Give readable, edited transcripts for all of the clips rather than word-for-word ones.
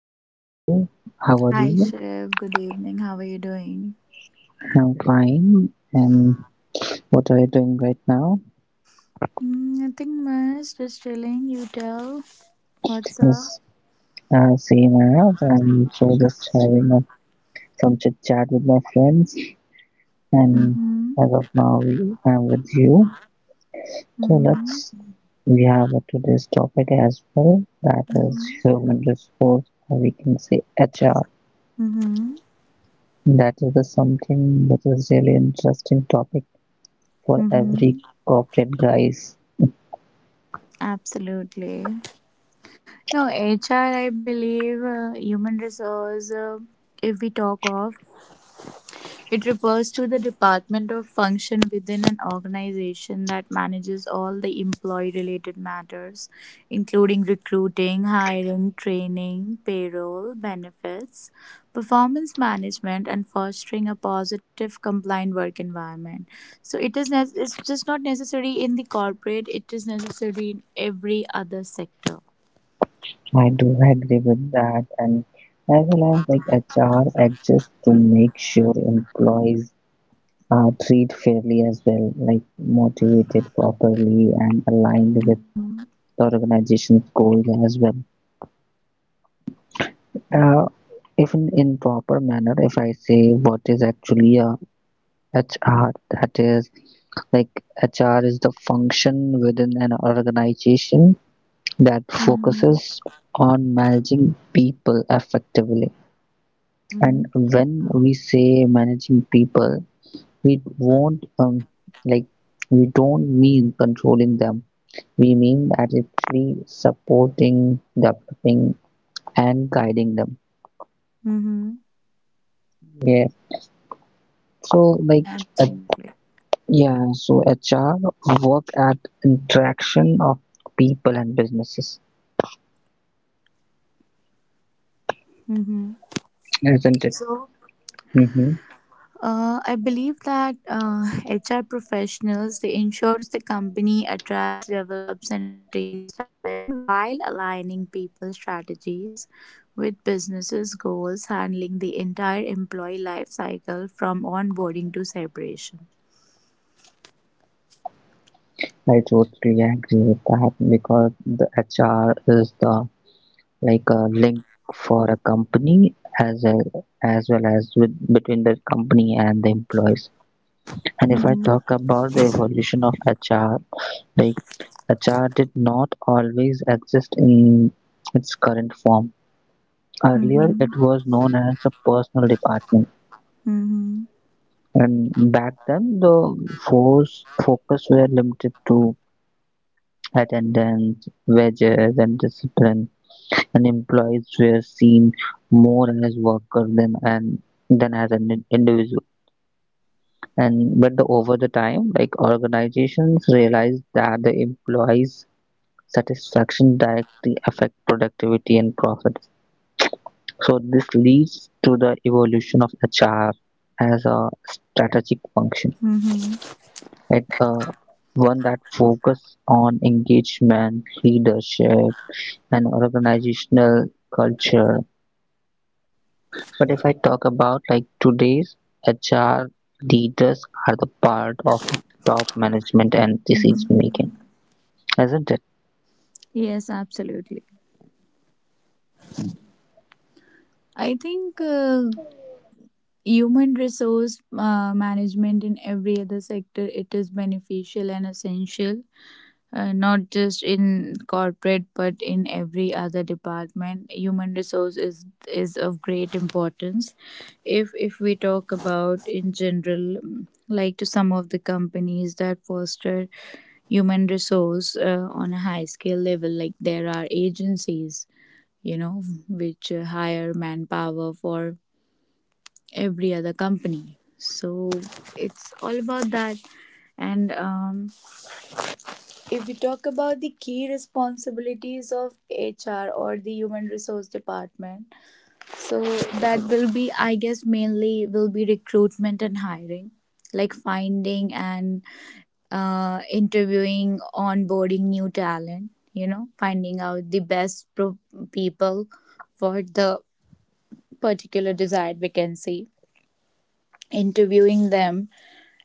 How are you too? How are Hi, you? Shiv. Good evening. How are you doing? I'm fine. And what are you doing right now? Mm, nothing much. Just chilling. You tell. What's up? Yes, same as I'm so just having a, some chit chat with my friends. And Mm-hmm. as of now, I'm with you. So Mm-hmm. let's we have a today's topic as well. That is Mm-hmm. human resource, or we can say HR. Mm-hmm. That is the something that is really interesting topic for Mm-hmm. every corporate guys. Absolutely. No, HR, I believe, human resource, if we talk of, it refers to the department or function within an organization that manages all the employee-related matters, including recruiting, hiring, training, payroll, benefits, performance management, and fostering a positive, compliant work environment. So it's just not necessary in the corporate; it is necessary in every other sector. I do agree with that, and as well as like HR exists to make sure employees are treated fairly as well, like motivated properly and aligned with Mm-hmm. the organization's goals as well. Uh, if in, in proper manner, if I say what is actually a HR, that is like HR is the function within an organization that Mm-hmm. focuses on managing people effectively. Mm-hmm. And when we say managing people, we won't like we don't mean controlling them. We mean that actually supporting, developing, and guiding them. Mm-hmm. Yeah. So like uh, Absolutely. HR work at interaction of people and businesses, Mm-hmm. isn't it? So Mm-hmm. I believe that HR professionals they ensures the company attracts, develops, and retains talent while aligning people strategies with businesses' goals, handling the entire employee life cycle from onboarding to separation. I totally agree with that because the HR is the like a link for a company as a, as well as with between the company and the employees. And if I Mm-hmm. talk about the evolution of HR, like HR did not always exist in its current form. Earlier, Mm-hmm. it was known as a personal department, Mm-hmm. and back then the force focus were limited to attendance, wages, and discipline. And employees were seen more as workers than and than as an individual. Over the time, like organizations realized that the employees' satisfaction directly affect productivity and profits. So this leads to the evolution of HR as a strategic function. Mm-hmm. It, uh, One that focus on engagement, leadership, and organizational culture. But if I talk about like today's HR leaders are the part of the top management and decision Mm-hmm. making, isn't it? Yes, absolutely. I think human resource management in every other sector it is beneficial and essential, not just in corporate but in every other department human resource is of great importance. If we talk about in general, like to some of the companies that foster human resource on a high scale level, like there are agencies, you know, which hire manpower for every other company. So it's all about that. And if we talk about the key responsibilities of HR or the human resource department, so that will be, I guess, mainly will be recruitment and hiring, like finding and interviewing, onboarding new talent, you know, finding out people for the particular desired vacancy, interviewing them,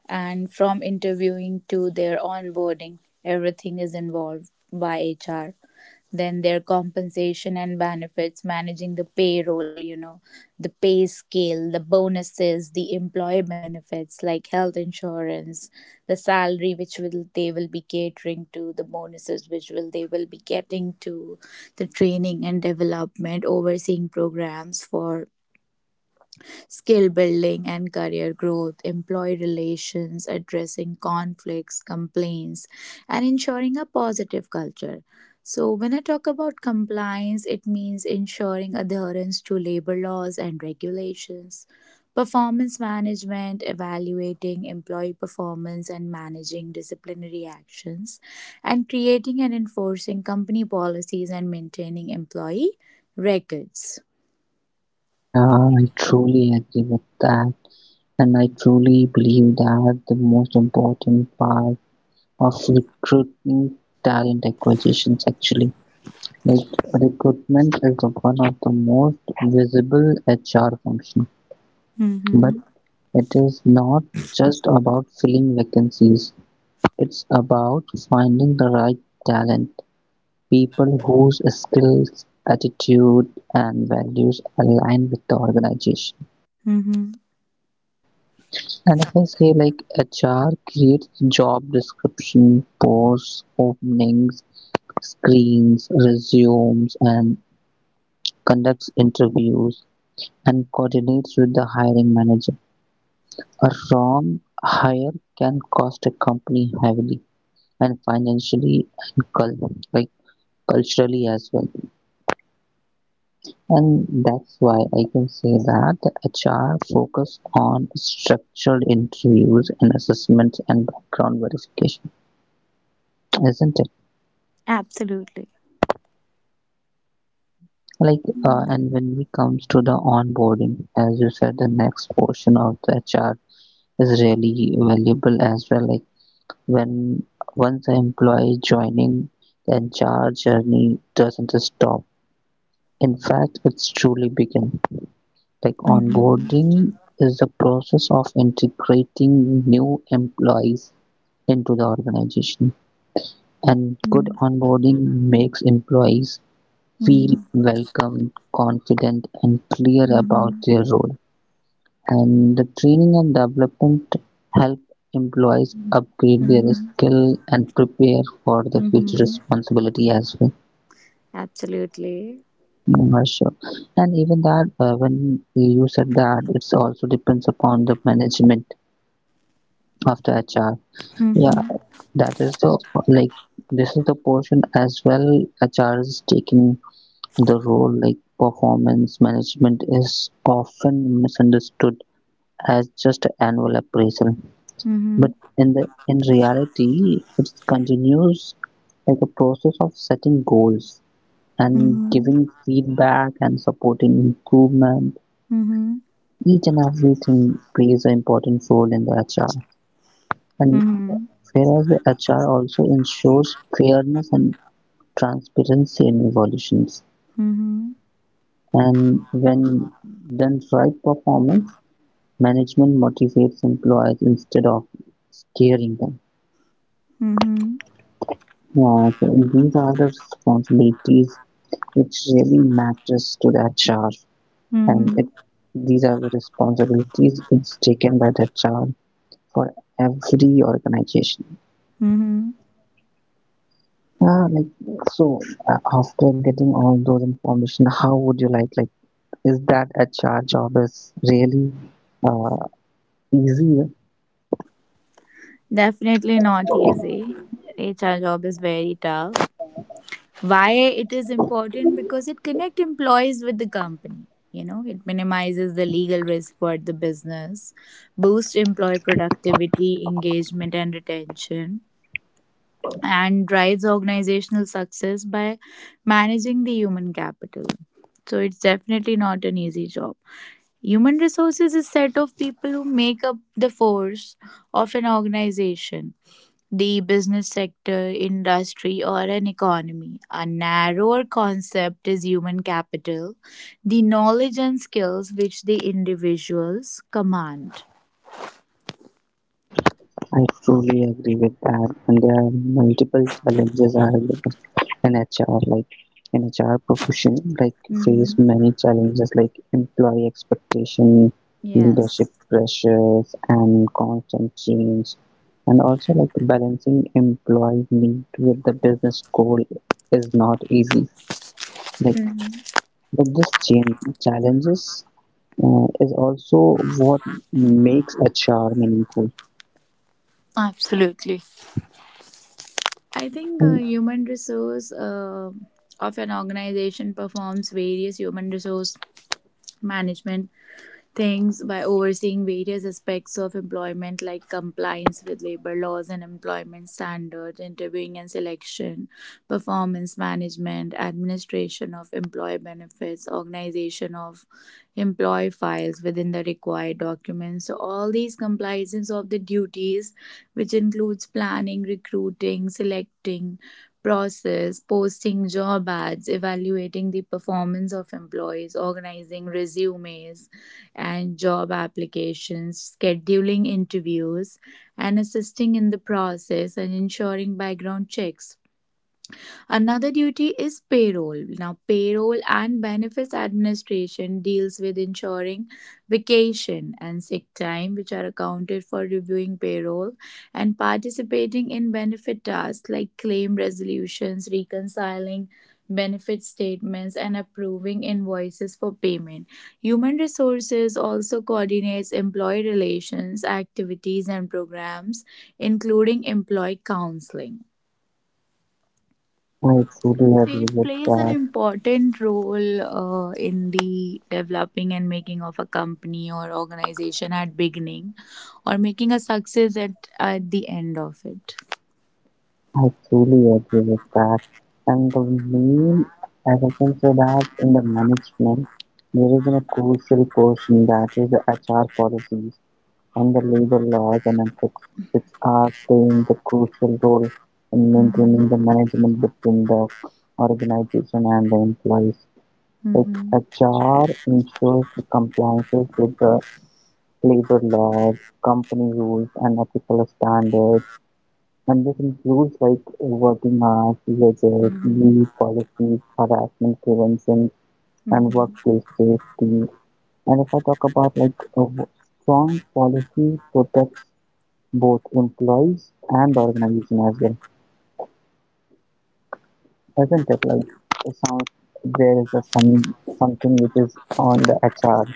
and from interviewing to their onboarding, everything is involved by HR. Then their compensation and benefits, managing the payroll, you know, the pay scale, the bonuses, the employee benefits like health insurance, the salary which will they will be catering to, the bonuses which will they will be getting to, the training and development, overseeing programs for skill building and career growth, employee relations, addressing conflicts, complaints, and ensuring a positive culture. So, when I talk about compliance, it means ensuring adherence to labor laws and regulations, performance management, evaluating employee performance, and managing disciplinary actions, and creating and enforcing company policies and maintaining employee records. Yeah, I truly agree with that. And I truly believe that the most important part of recruiting talent acquisitions actually. Like recruitment is the one of the most visible HR function, but Mm-hmm. it is not just about filling vacancies. It's about finding the right talent, people whose skills, attitude, and values align with the organization. Mm-hmm. And if I say like HR creates job description, posts, openings, screens, resumes, and conducts interviews and coordinates with the hiring manager. A wrong hire can cost a company heavily and financially and culturally as well. And that's why I can say that HR focus on structured interviews and assessments and background verification, isn't it? Absolutely. Like, Mm. And when it comes to the onboarding, as you said, the next portion of the HR is really valuable as well. Like, when once the employee joining, the HR journey doesn't stop. In fact, it's truly begin. Like Mhm. onboarding is the process of integrating new employees into the organization. And good Mm. onboarding makes employees feel Mm. welcome, confident, and clear about Mhm. their role. And the training and development help employees upgrade their Mhm. skill and prepare for the future Mhm. responsibility as well. Absolutely. Yeah, sure. And even that, when you said that, it's also depends upon the management after HR. Yeah, Mhm. that is the like this is the portion as well HR is taking the role like performance management is often misunderstood as just annual appraisal. Mhm. But in reality it continues like a process of setting goals and Mhm. giving feedback and supporting improvement. Mhm. Each and everything plays an important role in the HR. And Mhm. whereas HR also ensures fairness and transparency in evaluations. Mhm. And when done right performance, management motivates employees instead of scaring them. Mhm. Yeah, so these are the responsibilities which really matters to the HR, and Mhm. it, these are the responsibilities it's taken by the HR for every organization. Mhm. Yeah, like so. After getting all those information, how would you like is that HR job is really uh, easier. Definitely not easy. HR job is very tough. Why it is important, because it connect employees with the company, you know, it minimizes the legal risk for the business, boosts employee productivity, engagement, and retention, and drives organizational success by managing the human capital. So it's definitely not an easy job. Human resources is a set of people who make up the force of an organization, the business sector, industry, or an economy. A narrower concept is human capital, the knowledge and skills which the individuals command. I truly agree with that, and there are multiple challenges are in HR, like in HR profession, like face Hmm. many challenges like employee expectation, Yes. leadership pressures, and constant change, and also like balancing employee need with the business goal is not easy. Like Mhm. with this change challenges is also what makes a char meaningful. Absolutely. I think And human resource of an organization performs various human resource management things by overseeing various aspects of employment like compliance with labor laws and employment standards, interviewing and selection, performance management, administration of employee benefits, organization of employee files within the required documents. So, all these compliance of the duties, which includes planning, recruiting, selecting, process, posting job ads, evaluating the performance of employees, organizing resumes, and job applications, scheduling interviews, and assisting in the process and ensuring background checks. Another duty is payroll. Now, payroll and benefits administration deals with ensuring vacation and sick time, which are accounted for reviewing payroll and participating in benefit tasks like claim resolutions, reconciling benefit statements, and approving invoices for payment. Human resources also coordinates employee relations, activities, and programs, including employee counseling. I truly agree It with plays an that. important role in the developing and making of a company or organization at beginning or making a success at the end of it. I truly agree with that. And the main, as I can say that in the management, there is a crucial portion that is the HR policies and the labor laws and ethics, which are playing the crucial role in maintaining the Mm-hmm. management between the organization and the employees. Like Mm-hmm. HR ensures the compliance with the labor laws, company rules, and ethical standards. And this includes like working hours, wages, Mm-hmm. leave policies, harassment prevention, and Mm-hmm. workplace safety. And if I talk about like a strong policy protects both employees and the organization as well. Isn't it like it sounds there is a some something which is on the HR.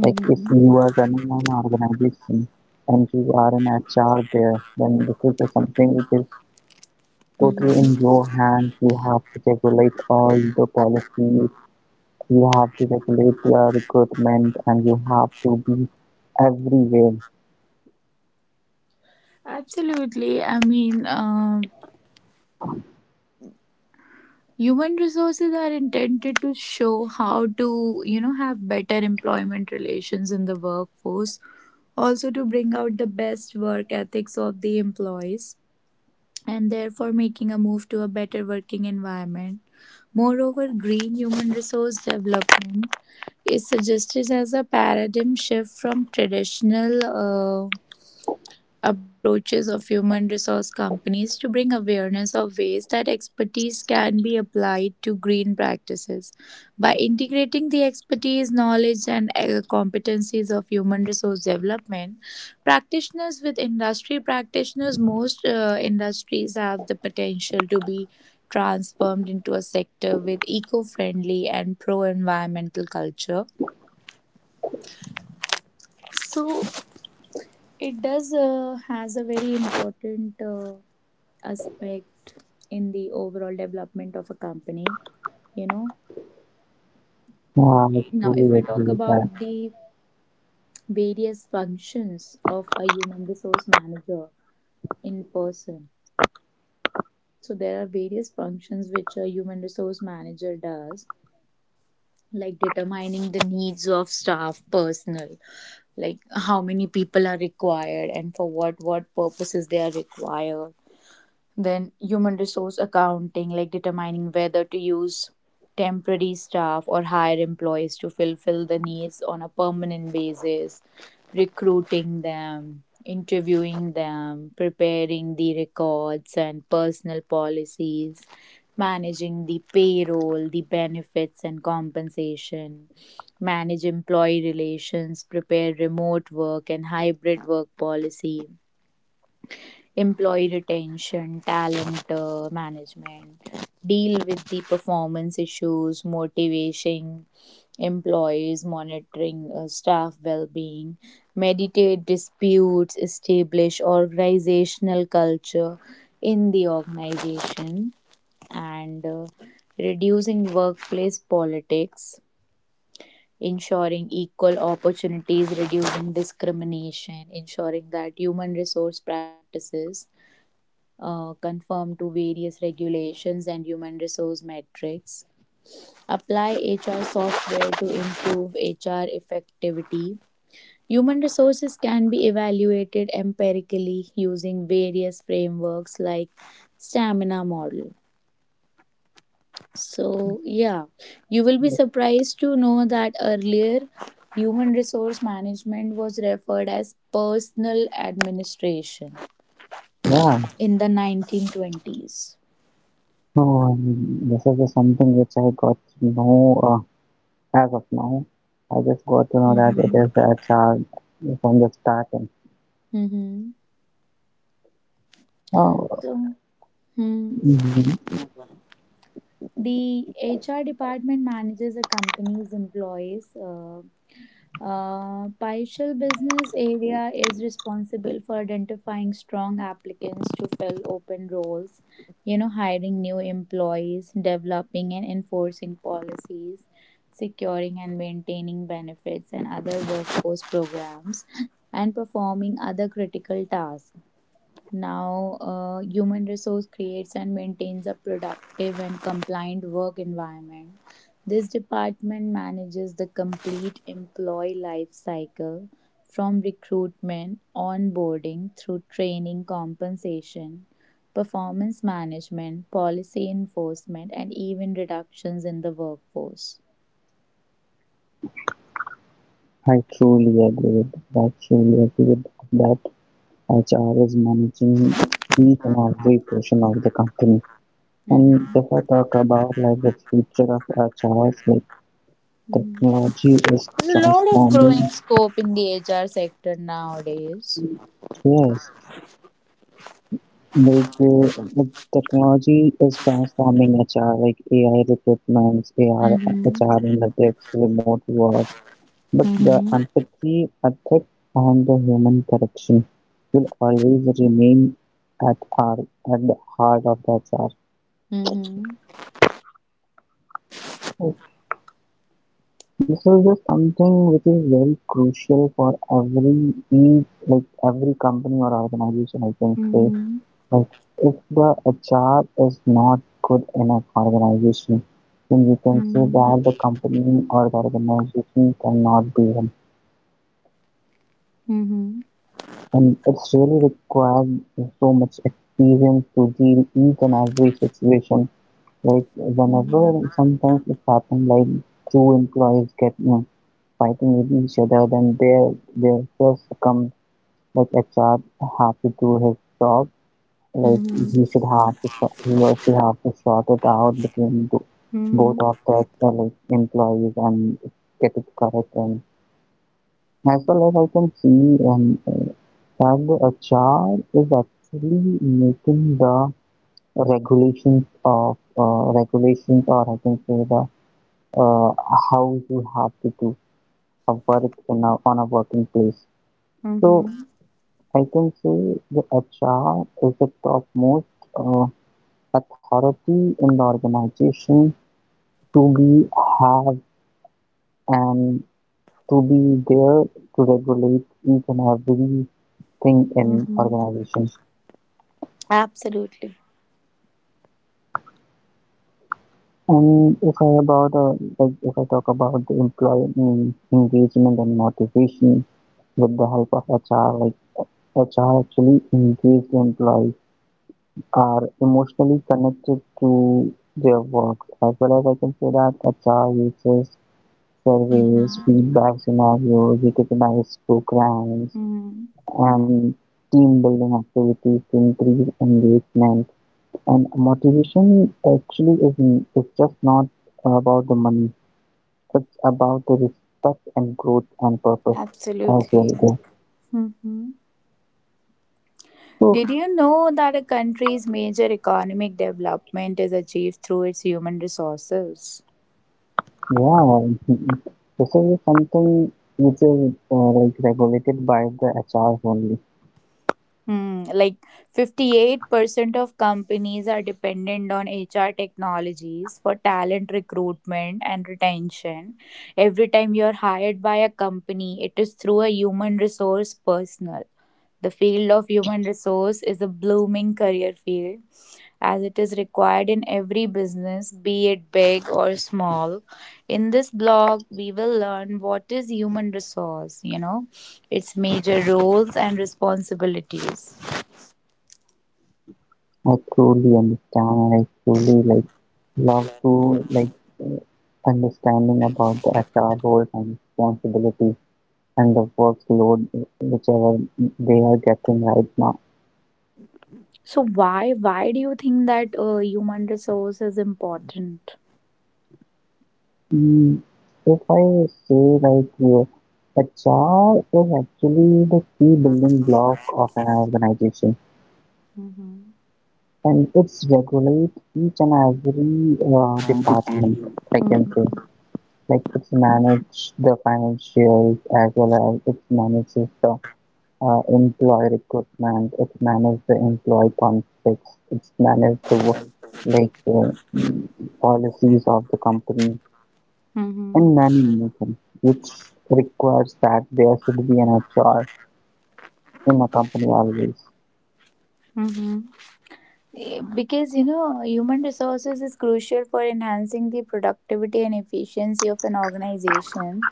Like if you are running an organization and you are an HR there, then this is the something which is totally in Mm-hmm. your hands. You have to regulate all the policies. You have to regulate your recruitment, and you have to be everywhere. Absolutely. I mean, human resources are intended to show how to, you know, have better employment relations in the workforce, also to bring out the best work ethics of the employees and therefore making a move to a better working environment. Moreover, green human resource development is suggested as a paradigm shift from traditional uh, approaches of human resource companies to bring awareness of ways that expertise can be applied to green practices. By integrating the expertise, knowledge, and competencies of human resource development, practitioners with industry practitioners, most industries have the potential to be transformed into a sector with eco-friendly and pro-environmental culture. So it does has a very important aspect in the overall development of a company, you know. Yeah, I Now if truly I agree talk with about that. the various functions of a human resource manager in person, so there are various functions which a human resource manager does, like determining the needs of staff personnel, like how many people are required and for what purposes they are required. Then human resource accounting, like determining whether to use temporary staff or hire employees to fulfill the needs on a permanent basis, recruiting them, interviewing them, preparing the records and personal policies, managing the payroll, the benefits and compensation, manage employee relations, prepare remote work and hybrid work policy, employee retention, talent management, deal with the performance issues, motivation, employees, monitoring staff well being, mediate disputes, establish organizational culture in the organization, and reducing workplace politics. Ensuring equal opportunities, reducing discrimination, ensuring that human resource practices conform to various regulations and human resource metrics, apply HR software to improve HR effectivity. Human resources can be evaluated empirically using various frameworks like stamina model. So, yeah, you will be surprised to know that earlier human resource management was referred as personal administration Yeah. in the 1920s. Oh, and this is something which I got to know. As of now, I just got to know that it Mm-hmm. is a child from the start. And, Mm-hmm. oh, So, hmm, mhm, the HR department manages a company's employees. Paishal business area is responsible for identifying strong applicants to fill open roles, you know, hiring new employees, developing and enforcing policies, securing and maintaining benefits and other workforce programs, and performing other critical tasks. Now, human resource creates and maintains a productive and compliant work environment. This department manages the complete employee life cycle from recruitment, onboarding through training, compensation, performance management, policy enforcement, and even reductions in the workforce. I truly agree with that. I truly agree with that. HR is managing each and every portion of the company. Mhm. And if I talk about like the future of HRs, like Mhm. technology is There's a lot of growing transforming. scope in the HR sector nowadays. Yes, technology is transforming HR, like AI recruitments, AI, Mm-hmm. HR analytics, remote work, but the Mm-hmm. empathy, ethic, and the human connection will always remain at our at the heart of the HR. Mhm. This is just something which is very crucial for every each like every company or organization. I can say Mhm. like if the HR is not good in an organization, then you can say Mhm. that the company or the organization cannot be. Mhm. And it's really required so much experience to deal each and every situation. Like Mhm. whenever sometimes it happens, like two employees get you know, fighting with each other, then they just come like HR have to do his job. Like Mhm. He or she have to sort it out between the, Mhm. both of the like employees and get it correct. And As well as I can see, that a child is actually making the regulations, or I can say the uh, how you have to do a work in a, on a working place. So Mhm. I can say the HR is the topmost uh, authority in the organization to be have and to be there to regulate each and everything in Mhm. organization. Absolutely. And if I about Like if I talk about the employee engagement and motivation with the help of HR, like HR actually engaged employees are emotionally connected to their work. As well as I can say that HR uses surveys, Mhm. feedback scenarios, recognized programs, Mhm. and team building activities to increase engagement. And motivation actually is just not about the money, it's about the respect and growth and purpose as Absolutely. well there. Mm-hmm. So Did you know that a country's major economic development is achieved through its human resources? yeah, this is something which is like regulated by the HR only. Hmm, like 58% of companies are dependent on HR technologies for talent recruitment and retention. Every time you're hired by a company, it is through a human resource personal. The field of human resource is a blooming career field as it is required in every business, be it big or small. In this blog, we will learn what is human resource, you know, its major roles and responsibilities. I truly understand and I truly love to uh, understanding about the HR roles and responsibilities and the workload whichever they are getting right now. So why do you think that human resource is important? Mm, if I say right here, a jar is actually the key building block of an organization, Mm-hmm. and it's regulate each and every department. I can say like it's manage the financials as well as it manages the employee recruitment, it manages the employee conflicts, it's manage the like uh, policies of the company. In Mm-hmm. many nations, which requires that there should be an HR in a company always. Mm-hmm. Eh, because you know human resources is crucial for enhancing the productivity and efficiency of an organization.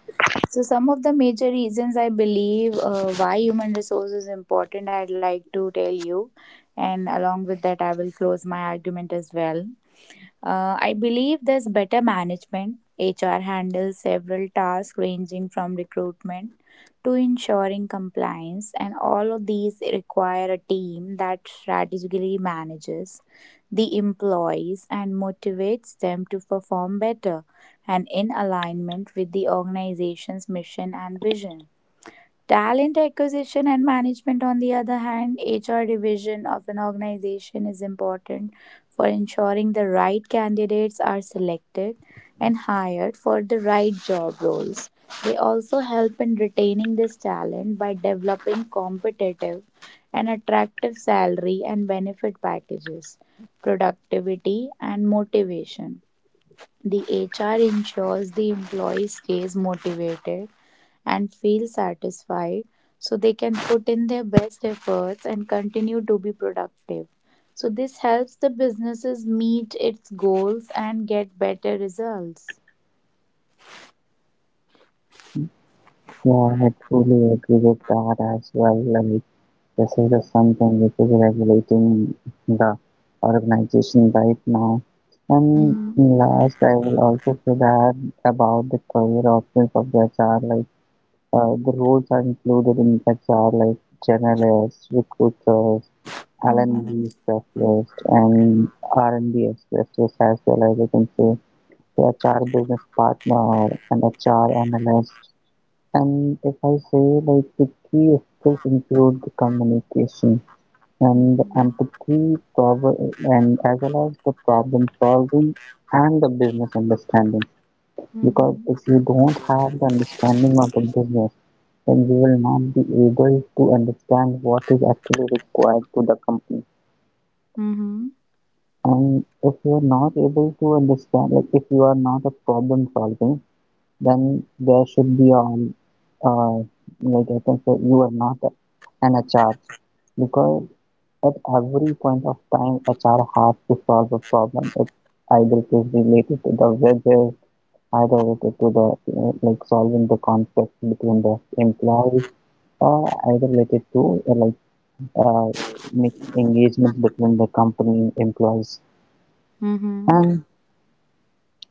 So some of the major reasons I believe why human resource is important I'd like to tell you, and along with that I will close my argument as well. I believe there's better management. HR handles several tasks ranging from recruitment to ensuring compliance, and all of these require a team that strategically manages the employees and motivates them to perform better and in alignment with the organization's mission and vision. Talent acquisition and management, on the other hand, HR division of an organization is important for ensuring the right candidates are selected and hired for the right job roles. They also help in retaining this talent by developing competitive and attractive salary and benefit packages, productivity, and motivation. The HR ensures the employee stays motivated and feel satisfied so they can put in their best efforts and continue to be productive. So, this helps the businesses meet its goals and get better results. Yeah, I truly agree with that as well. Like, this is just something which is regulating the organization right now. And Mhm, last, I will also say that about the career options of the HR. Like, the roles are included in such are like journalists, recruiters, mhm, L&D specialists, and R&D specialists as well as you can say the HR business partner and HR analyst. And if I say like the key skills include the communication mhm, and the empathy, prob- and as well as the problem solving and the business understanding mhm, because if you don't have the understanding of the business, then you will not be able to understand what is actually required to the company. mhm, And if you are not able to understand, like if you are not a problem solving, then there should be uh, like I can say you are not an HR because at every point of time HR has to solve a problem. It Either it is related to the wages I related to the like solving the conflict between the employees or either related to making engagement between the company employees. mhm, And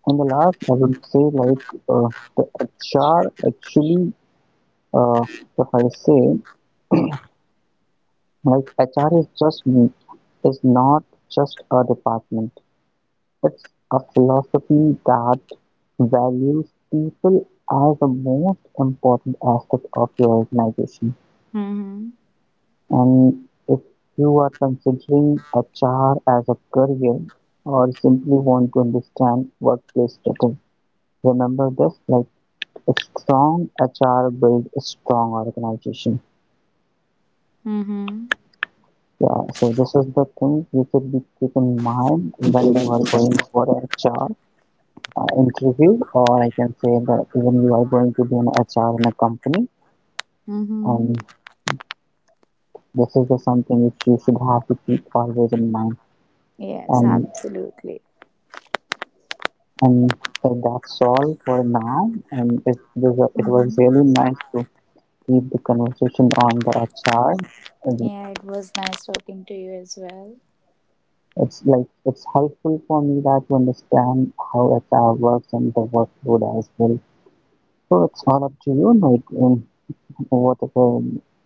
in the last, I would say like uh, the HR actually, uh, if I say like HR is not just a department. It's a philosophy that values people as the most important aspect of your organization. mhm, And if you are considering HR as a career or simply want to understand workplace better, remember this like a strong HR builds a strong organization. mhm, Yeah, so this is the thing you should be keep in mind when you are going for HR interview, or I can say that even you are going to be an HR in a company, mhm. and this is the something which you should have to keep always in mind. Yes, And absolutely. And so that's all for now. It Hmm. was really nice to keep the conversation on the HR. And Yeah, it was nice talking to you as well. it's like it's helpful for me that to understand how HR works and the workload as well. So it's all up to you, like whatever the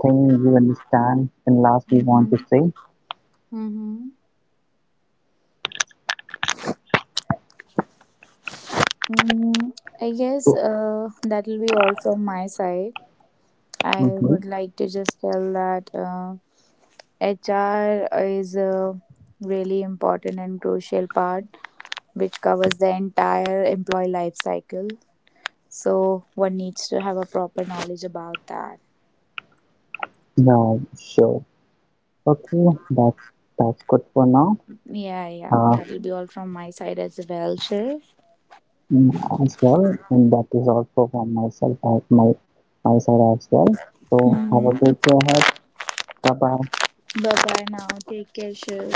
thing you understand and last you want Hmm. to say. Hmm. Mm, I guess So, that will be all from my side. I mm-hmm. would like to just tell that HR is a really important and crucial part which covers the entire employee life cycle. So one needs to have a proper knowledge about that. Yeah, sure. Okay, that's good for now. Yeah, yeah, Uh, that will be all from my side as well, sure. as well and that is also from myself I, my side as well, so have a Mm-hmm. great day ahead, bye bye. Bye bye now. Take care, sure.